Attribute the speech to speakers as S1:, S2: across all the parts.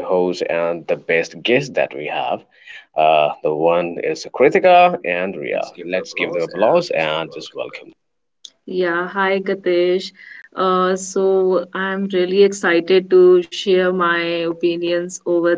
S1: the host and the best guest that we have. The one is Kritika and Ria. Let's give them applause and just welcome.
S2: Yeah, hi Gatesh. So I'm really excited to share my opinions over.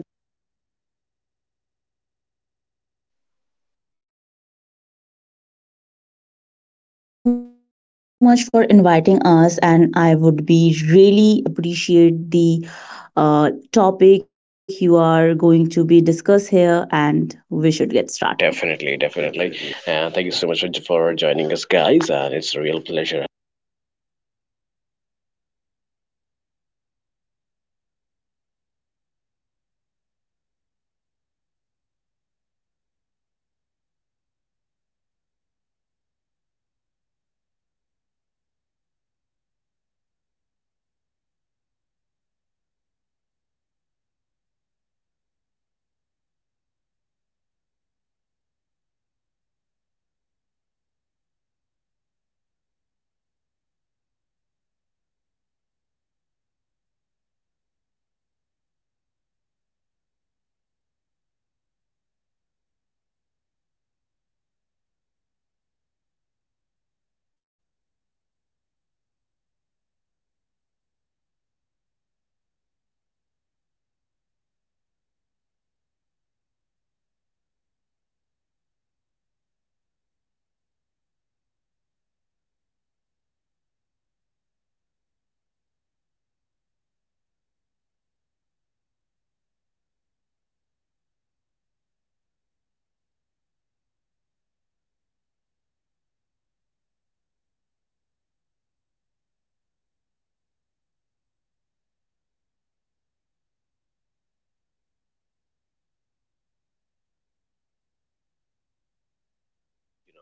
S3: Hi there, Gatish. Thank you so much for inviting us, and I would be really appreciate the topic you are going to be discuss here, and we should get started.
S1: Definitely, definitely. And thank you so much for joining us, guys. And it's a real pleasure,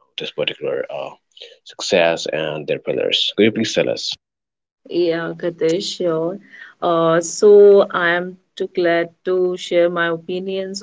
S1: you know, this particular success and their pillars. Could you please tell us?
S2: Yeah, Gatesh, sure. So I am too glad to share my opinions.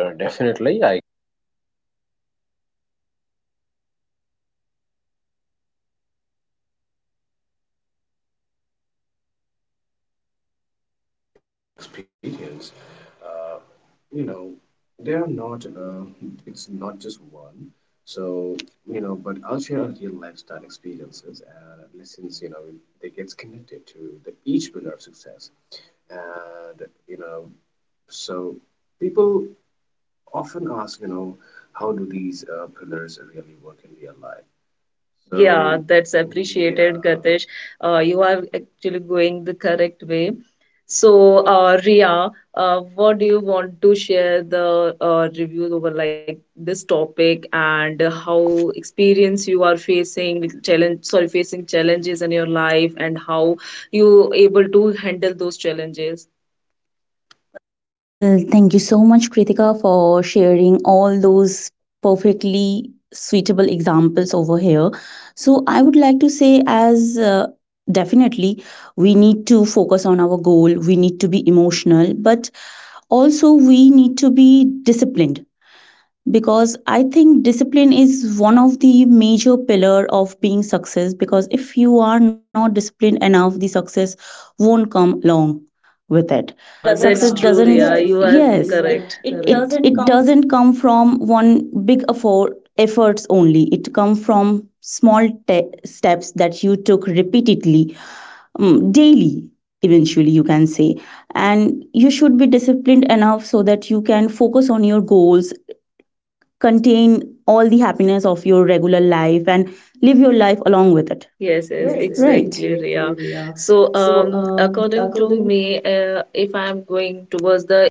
S1: Sure, definitely. I
S2: That's fish. You are actually going the correct way. So, Ria, what do you want to share the reviews over like this topic and
S3: And
S2: how experience you are facing with challenge, sorry, facing challenges in your life and how you able to handle those challenges?
S3: Well, thank you so much, Kritika, for sharing all those perfectly suitable examples over here. So, I would like to say, as definitely, we need to focus on our goal, we need to be emotional, but also we need to be disciplined because I think discipline is one of the major pillar of being success because if you are not disciplined enough the success won't come along with
S2: Success,
S3: it.
S2: yeah, doesn't, that's
S3: Success
S2: true,
S3: doesn't,
S2: Ria. Yes, you are It
S3: yes,
S2: correct. it
S3: it
S2: doesn't
S3: it
S2: come.
S3: doesn't come from one big efforts only. It comes from small steps that you took repeatedly, daily, eventually you can say. And you should be disciplined enough so that you can focus on your goals, contain all the happiness of your regular life and live your life along with it,
S2: Yes, yes, right?
S3: right?
S2: Exactly, Ria. So, um, according to me, if I'm going towards the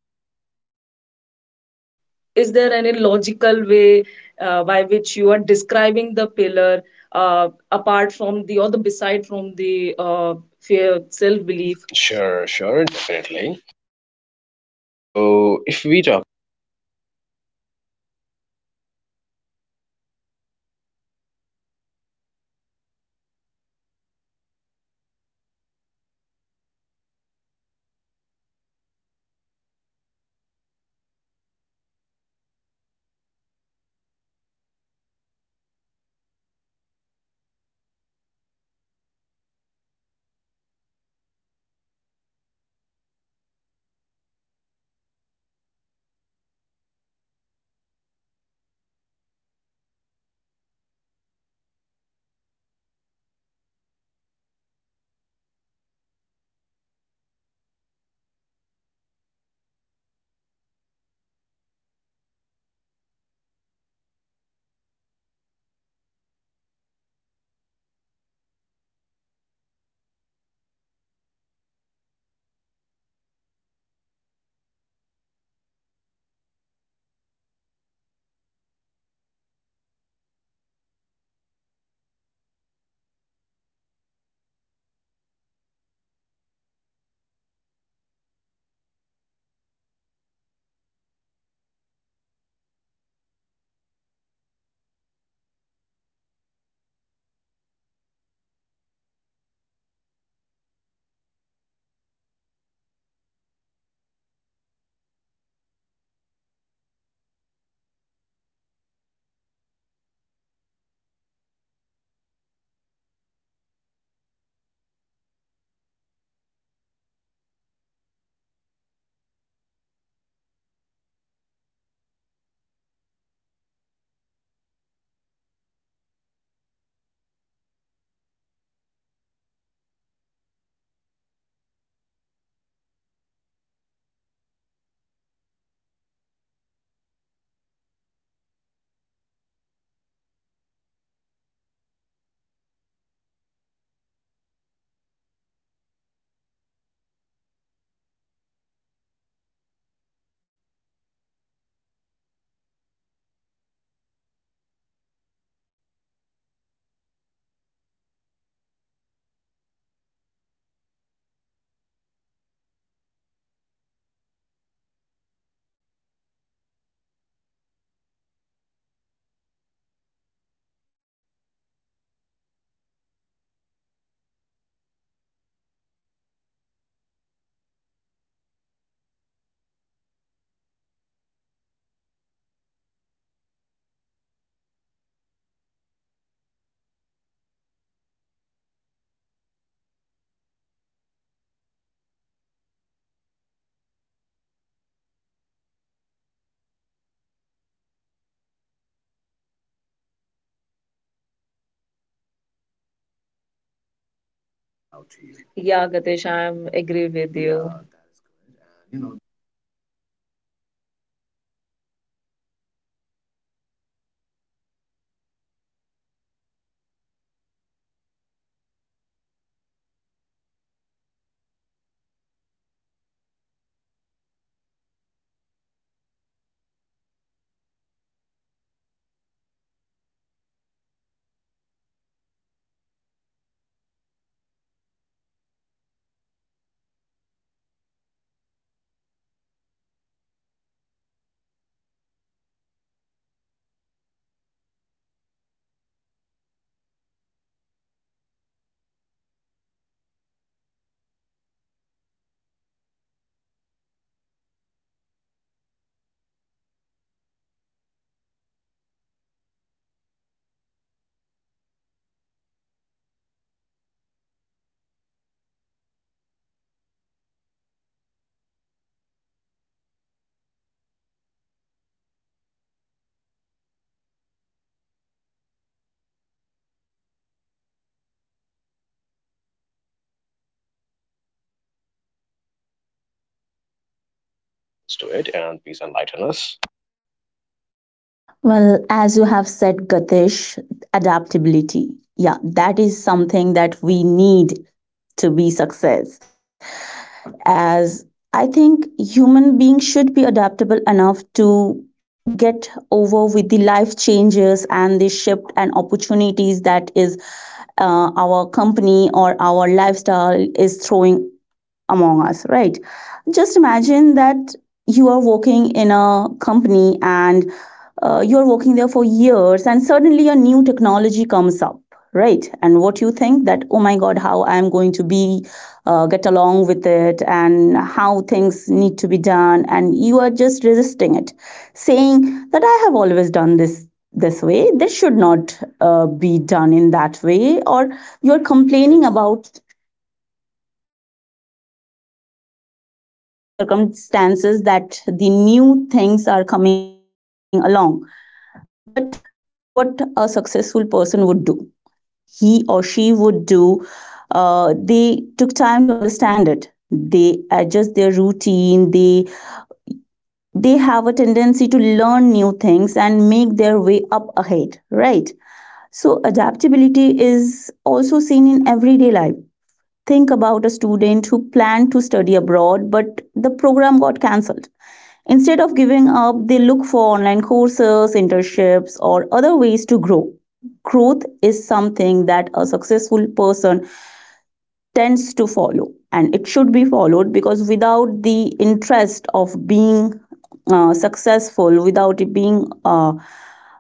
S2: is is there any logical way by which you are describing the pillar apart from the or the beside from the fear self belief.
S1: sure, sure, definitely. So, if we talk
S2: Yeah, Gatesh, I am agree with.
S1: to it and please enlighten us.
S3: Well, as you have said, Gatish, adaptability. Yeah, that is something that we need to be success. As I think human beings should be adaptable enough to get over with the life changes and the shift and opportunities that is our company or our lifestyle is throwing among us, right? Just imagine that you are working in a company and you're working there for years and suddenly a new technology comes up, right? And what you think that, oh my god, how I'm going to be get along with it and how things need to be done, and you are just resisting it saying that I have always done this this way this should not be done in that way. Or you're complaining about you're complaining about the circumstances that the new things are coming along. But what a successful person would do, he or she would do, they took time to understand it. They adjust their routine. They have a tendency to learn new things and make their way up ahead. Right. So adaptability is also seen in everyday life. Think about a student who planned to study abroad, but the program got cancelled. Instead of giving up, they look for online courses, internships, or other ways to grow. Growth is something that a successful person tends to follow, and it should be followed because without the interest of being successful, without being uh,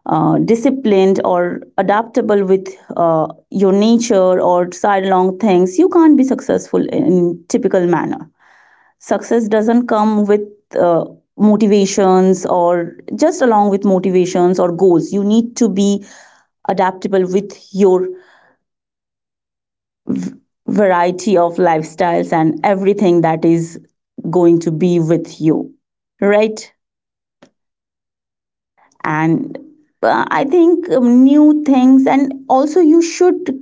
S3: uh, disciplined or adaptable with your nature or sidelong things, you can't be successful in typical manner. Success doesn't come with uh, motivations, or just along with motivations or goals. You need to be adaptable with your variety of lifestyles and everything that is going to be with you, right? And I think new things, and also you should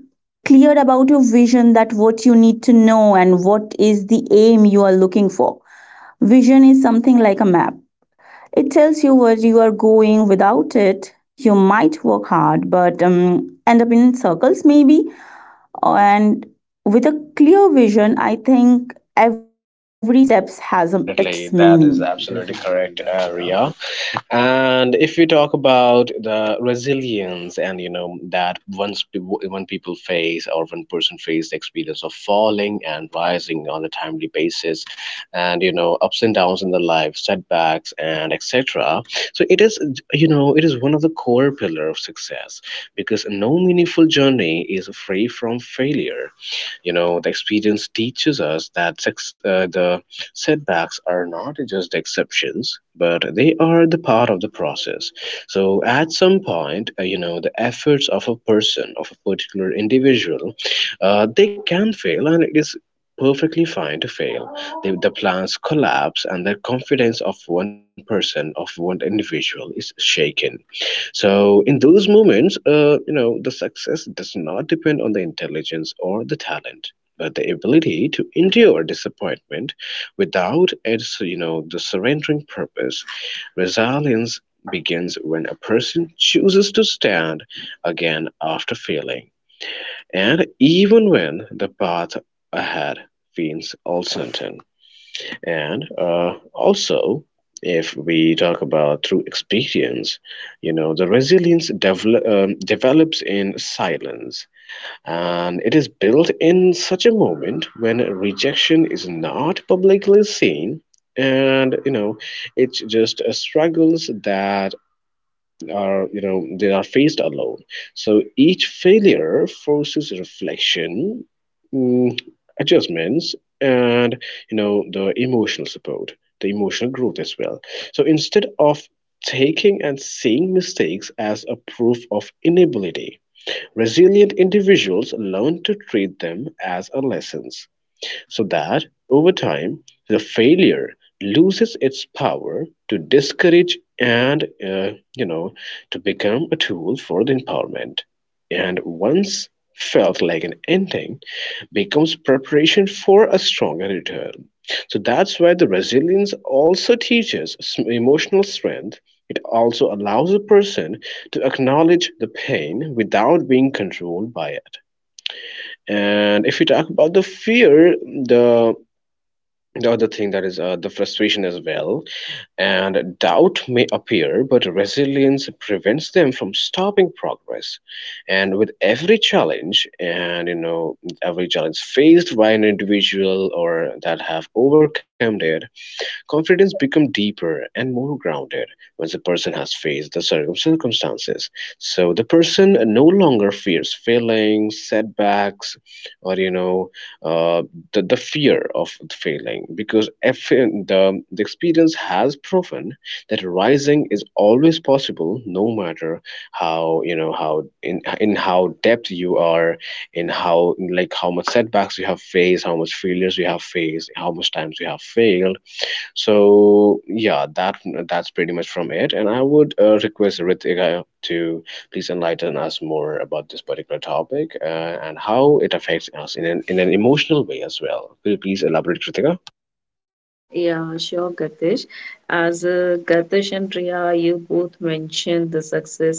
S3: clear about your vision, that what you need to know and what is the aim you are looking for. Vision is something like a map. It tells you where you are going. Without it you might work hard but end up in circles maybe. And with a clear vision, I think every steps has its
S1: Definitely,
S3: meaning.
S1: that is absolutely correct, Ria. And if we talk about the resilience, and you know that once people, when people face or one person face the experience of falling and rising on a timely basis, and you know, ups and downs in the life, setbacks and etc. So it is, you know, it is one of the core pillar of success because no meaningful journey is free from failure. You know, the experience teaches us that sex, the setbacks are not just exceptions, but they are the part of the process. So, at some point, you know, the efforts of a person, of a particular individual, they can fail, and it is perfectly fine to fail. The plans collapse, and the confidence of one person, of one individual, is shaken. So, in those moments, you know, the success does not depend on the intelligence or the talent, but the ability to endure disappointment without its, you know, the surrendering purpose. Resilience begins when a person chooses to stand again after failing. And even when the path ahead feels uncertain. And also, if we talk about through experience, you know, the resilience develops in silence, and it is built in such a moment when rejection is not publicly seen, and you know, it's just a struggles that are, you know, they are faced alone. So each failure forces reflection, mm, adjustments, and you know, the emotional support, the emotional growth as well. So instead of taking and seeing mistakes as a proof of inability, resilient individuals learn to treat them as a lessons, so that, over time, the failure loses its power to discourage and you know, to become a tool for the empowerment. And once felt like an ending becomes preparation for a stronger return. So that's why the resilience also teaches emotional strength. It also allows a person to acknowledge the pain without being controlled by it. And if we talk about the fear, the other thing that is the frustration as well, and doubt may appear, but resilience prevents them from stopping progress. And with every challenge, and you know, every challenge faced by an individual or that have overcome it, confidence become deeper and more grounded. Once the person has faced the circumstances, so the person no longer fears failings setbacks, or you know, uh, the fear of failing interesting, because if the experience has proven that rising is always possible, no matter how, you know, how in how depth you are, in how, like, how much setbacks you have faced, how much failures you have faced, how much times you have failed. So yeah, that's pretty much from it, and I would request Ritika to please enlighten us more about this particular topic, and how it affects us in in an emotional way as well. Could you please elaborate, Ritika?
S2: Yeah, sure, Gatesh. As Gatesh and Riya, you both mentioned the success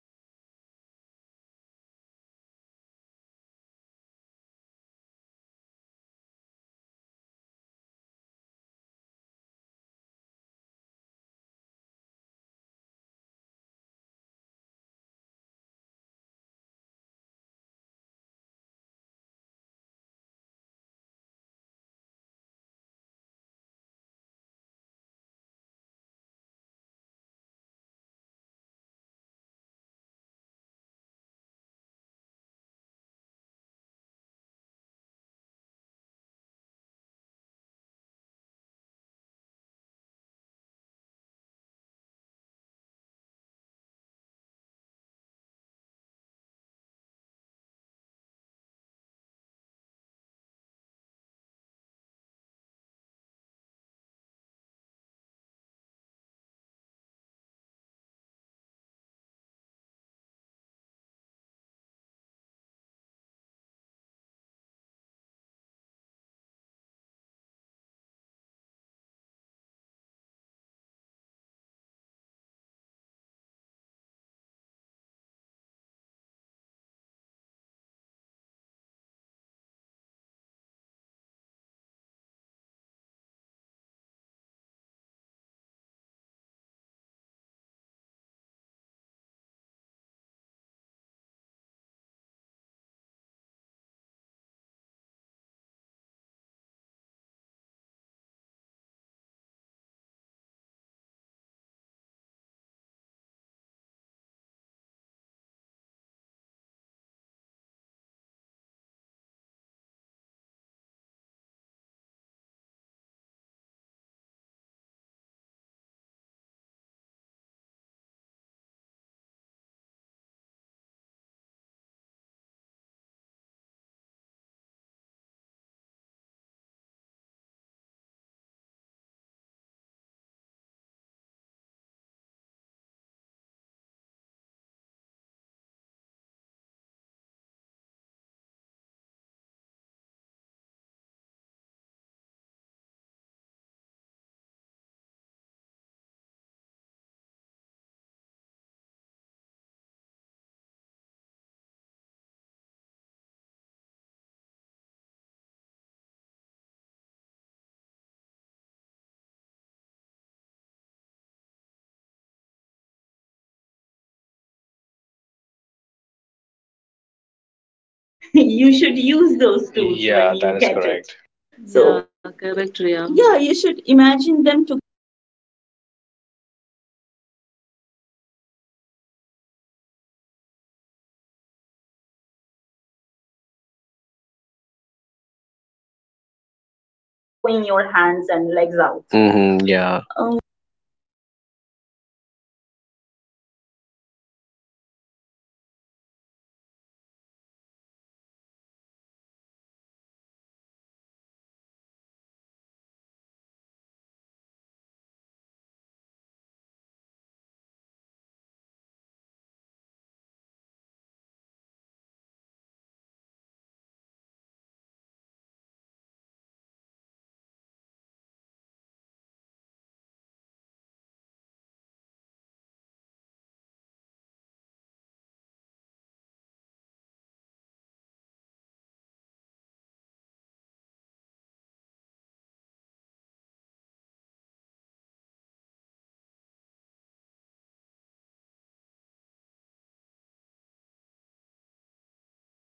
S3: All right, Kritika, thank you so much. As I want to say that when we are talking about the topic over success and discussed over the pillars of success, you know, failure and rejection, these are two words that can feel heavy, even painful for whoever who want to be successful in the life. But I think the truth is there is no end of the road of being successful, right? They are part of the journey. And I think that failure and rejection are the stepping stones. They are not walls that blocking your way. They are just markers guiding you towards the growth. Overwhelming, people can be overwhelmed regarding this matter, that okay fine, why peoples are getting along with this so easily and it has become tough for me day by day. And once, often in every interview, I have seen this question over me, that what do you think that pays more, hard work or smart work? Well, um, should I focus on hard work or should I focus on smart work as well? So I think the truth is success need both. They are kind of co-depending paths, like two rails of the same track as well. Hard work is something that needs effort. You need to be disciplined, you need to be adaptable, you need to be focused on yourself and many more things. And it's kind of uh, put you in a persistence grit. Without hard work even the smartest plan can see failures, smartest ideas can collapse. Hard work builds discipline, resilience and adaptability to push through challenges. But there is some catch, there should be some catch, right? How someone can be just only doing hard work and success very coefficiently? So of course hard work alone can sometimes feels running in the circles. That's where the smart work comes in. Smart work is about strategy, that how you are modulating yourself over the circumstances. It's choosing the right goals, using the right tools along with the time, and finding efficient ways to reach them. um, it's something like, um, you should go over a mountain, and you should not climb a mountain with your bare hands, right? You need
S1: And
S3: some tools,
S1: you
S3: and
S1: should use
S3: you
S1: those
S3: should
S1: tools.
S3: use
S1: Yeah, when you that you
S3: those
S1: is get
S3: tools
S1: correct.
S3: when you get it.
S2: and correct,
S3: So
S2: Riya. Yeah, you should
S3: yeah, you should
S2: imagine them to,
S3: imagine them together. Hard work and smart work, it's give you the motivation and stamina to keep moving, while smart works ensure that you are moving in a very right direction,
S1: It, throwing
S3: not
S1: your
S3: only
S1: hands
S3: throwing
S1: and
S3: your
S1: legs out.
S3: hands and legs
S1: Mm-hmm,
S3: out.
S1: yeah. Um,
S3: So I actually do remember in my last company. Well, I was younger back then, and that was my first job, and the routine was kind of depressing for me. And I have to juggling up lots of things. And what happened back then that, oh, you know, there were certain changes that, okay, fine, you have to do this in a matter of time right now. You have to close 80 cases in every day, and I was struggling. I did struggle very much. And well, there was no one back then to let me understand that, okay fine, you can work hard. And I worked hard so much that I was sitting on that chair, didn't take any breaks or something like that. And that was,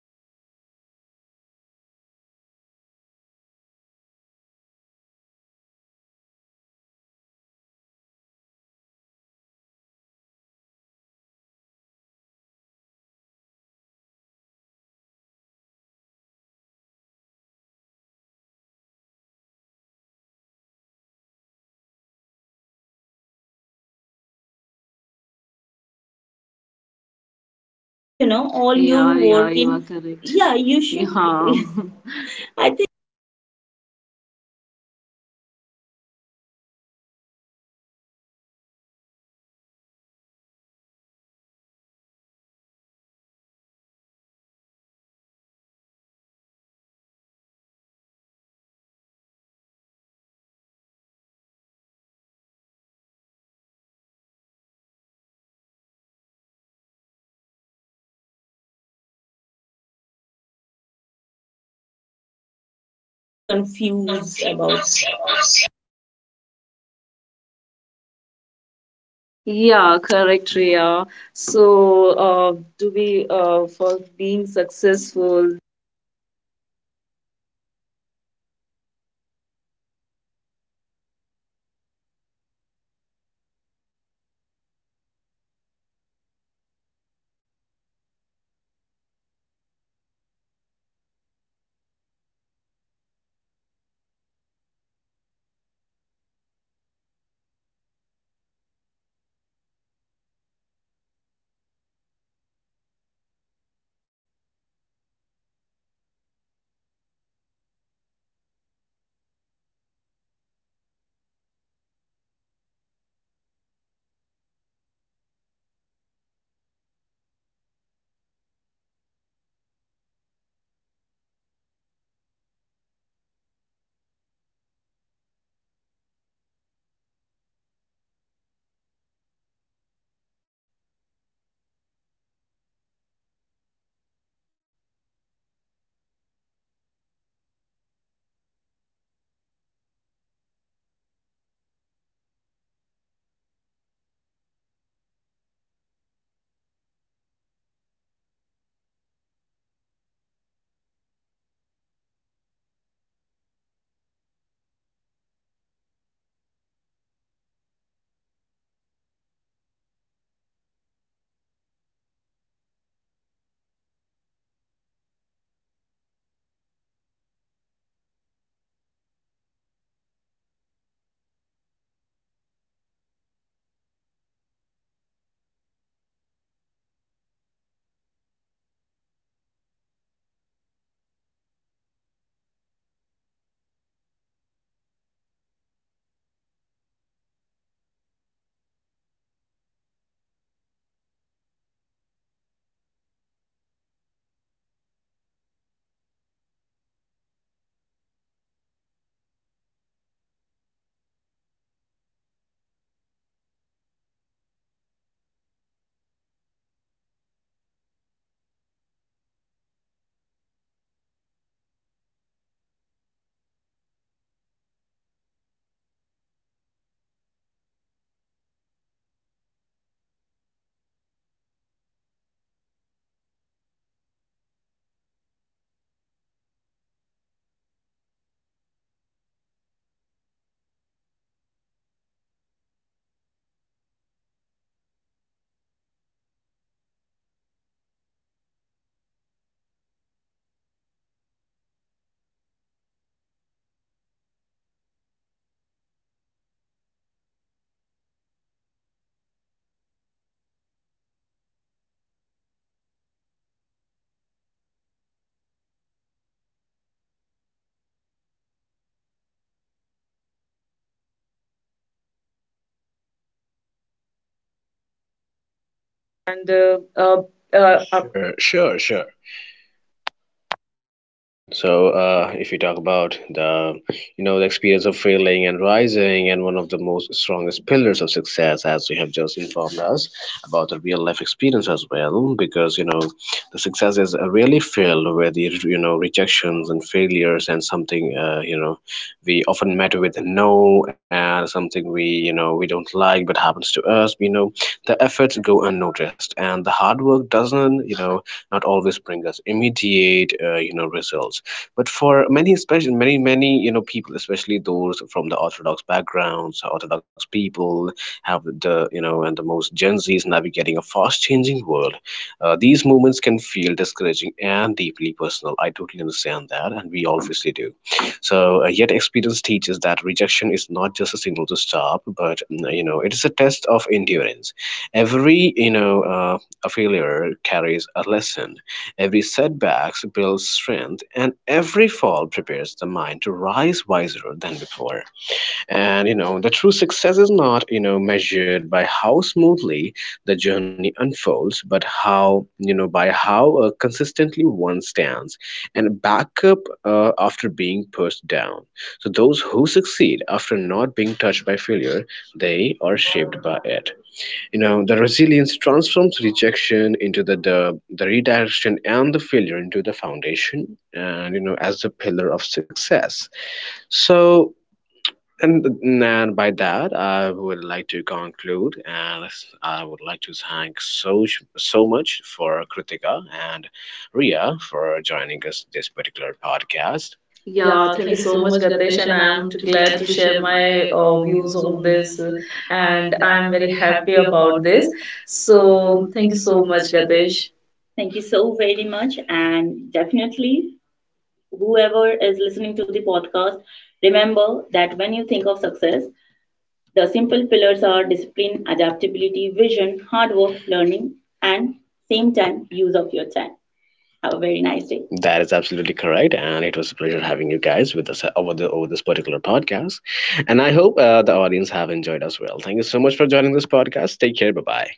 S3: that was devastating. And what happened after 1 or 2 week that uh, a mentor come to me and she was just saying that you don't need to put efforts on every case, so that I can assure that you may fulfill the achievement by your regular corresponding details, by giving all the
S2: you know, all
S3: you
S2: your yeah
S3: know,
S2: yeah work
S3: all
S2: you in. Are
S3: your
S2: correct.
S3: work
S2: Yeah,
S3: in.
S2: you should.
S3: Yeah,
S2: Yeah.
S3: you should.
S2: I think
S3: I think I get them understand, because hard work doesn't pay off easily. It takes most of you, but you should take smart work very co efficiently, so that you can feel what you are doing and feel good about your work. When you get something right, you get the ability to be self confident, and uh, you adapting things pretty easily rather than, you know,
S2: I'm
S3: being
S2: confused about.
S3: confused about what to do.
S2: Yeah, correct, Riya. So, to be for being successful and
S1: uh,
S2: uh,
S1: Sure, sure, sure. So, if you talk about the, you know, the experience of failing and rising, and one of the most strongest pillars of success, as you have just informed us about the real life experience as well, because you know, the success is really filled with the, you know, rejections and failures and something, you know, we often met with no, and something we, you know, we don't like, but happens to us, you know, the efforts go unnoticed, and the hard work doesn't, you know, not always bring us immediate, you know, results. But for many, especially many, you know, people, especially those from the orthodox backgrounds, orthodox people, have the, you know, and the most Gen Z's navigating a fast changing world, these moments can feel discouraging and deeply personal. I totally understand that, and we obviously do. So, yet experience teaches that rejection is not just a signal to stop, but mm, you know, it is a test of endurance. Every, you know, a failure carries a lesson. Every setback builds strength, and every fall prepares the mind to rise wiser than before. And you know, the true success is not, you know, measured by how smoothly the journey unfolds, but how, you know, by how consistently one stands and back up after being pushed down. So those who succeed after not being touched by failure, they are shaped by it. You know, the resilience transforms rejection into the redirection, and the failure into the foundation, and you know, as the pillar of success. So and, and by that, I would like to conclude, and I would like to thank so so much for Kritika and Ria for joining us this particular podcast.
S2: yeah,
S1: Yeah,
S2: thank you
S1: thank you
S2: so
S1: so
S2: much,
S1: much,
S2: Gatesh,
S1: Gatesh,
S2: and I
S1: and I
S2: am
S1: am
S2: too
S1: too
S2: glad
S1: glad
S2: to
S1: to
S2: share
S1: share
S2: my
S1: my
S2: views
S1: views
S2: on
S1: on
S2: this,
S1: this,
S2: and
S1: and
S2: I
S1: I
S2: am
S1: am
S2: very
S1: very
S2: happy
S1: happy
S2: about
S1: about
S2: this.
S1: this.
S2: So,
S1: So,
S2: thank
S1: thank
S2: you
S1: you
S2: so
S1: so
S2: much,
S1: much,
S2: Gatesh.
S1: Gatesh. Thank you so very
S3: Thank you
S1: much,
S3: so very much,
S1: and
S3: and
S1: definitely,
S3: definitely,
S1: whoever is listening
S3: whoever
S1: to the
S3: is listening
S1: podcast,
S3: to the podcast,
S1: remember that when you
S3: remember
S1: think of
S3: that when you
S1: success,
S3: think of success,
S1: the simple
S3: the
S1: pillars are
S3: simple pillars
S1: discipline,
S3: are discipline,
S1: adaptability, vision,
S3: adaptability,
S1: hard work,
S3: vision, hard
S1: learning,
S3: work,
S1: and
S3: learning,
S1: same
S3: and
S1: time, use
S3: same
S1: of your
S3: time
S1: time.
S3: use of your time.
S1: Have a very nice
S3: Have
S1: day.
S3: a very
S1: That is
S3: nice day.
S1: absolutely correct, and it was a pleasure having you guys with us over the over this particular podcast. And I hope the audience have enjoyed as well. Thank you so much for joining this podcast. Take care. Bye bye.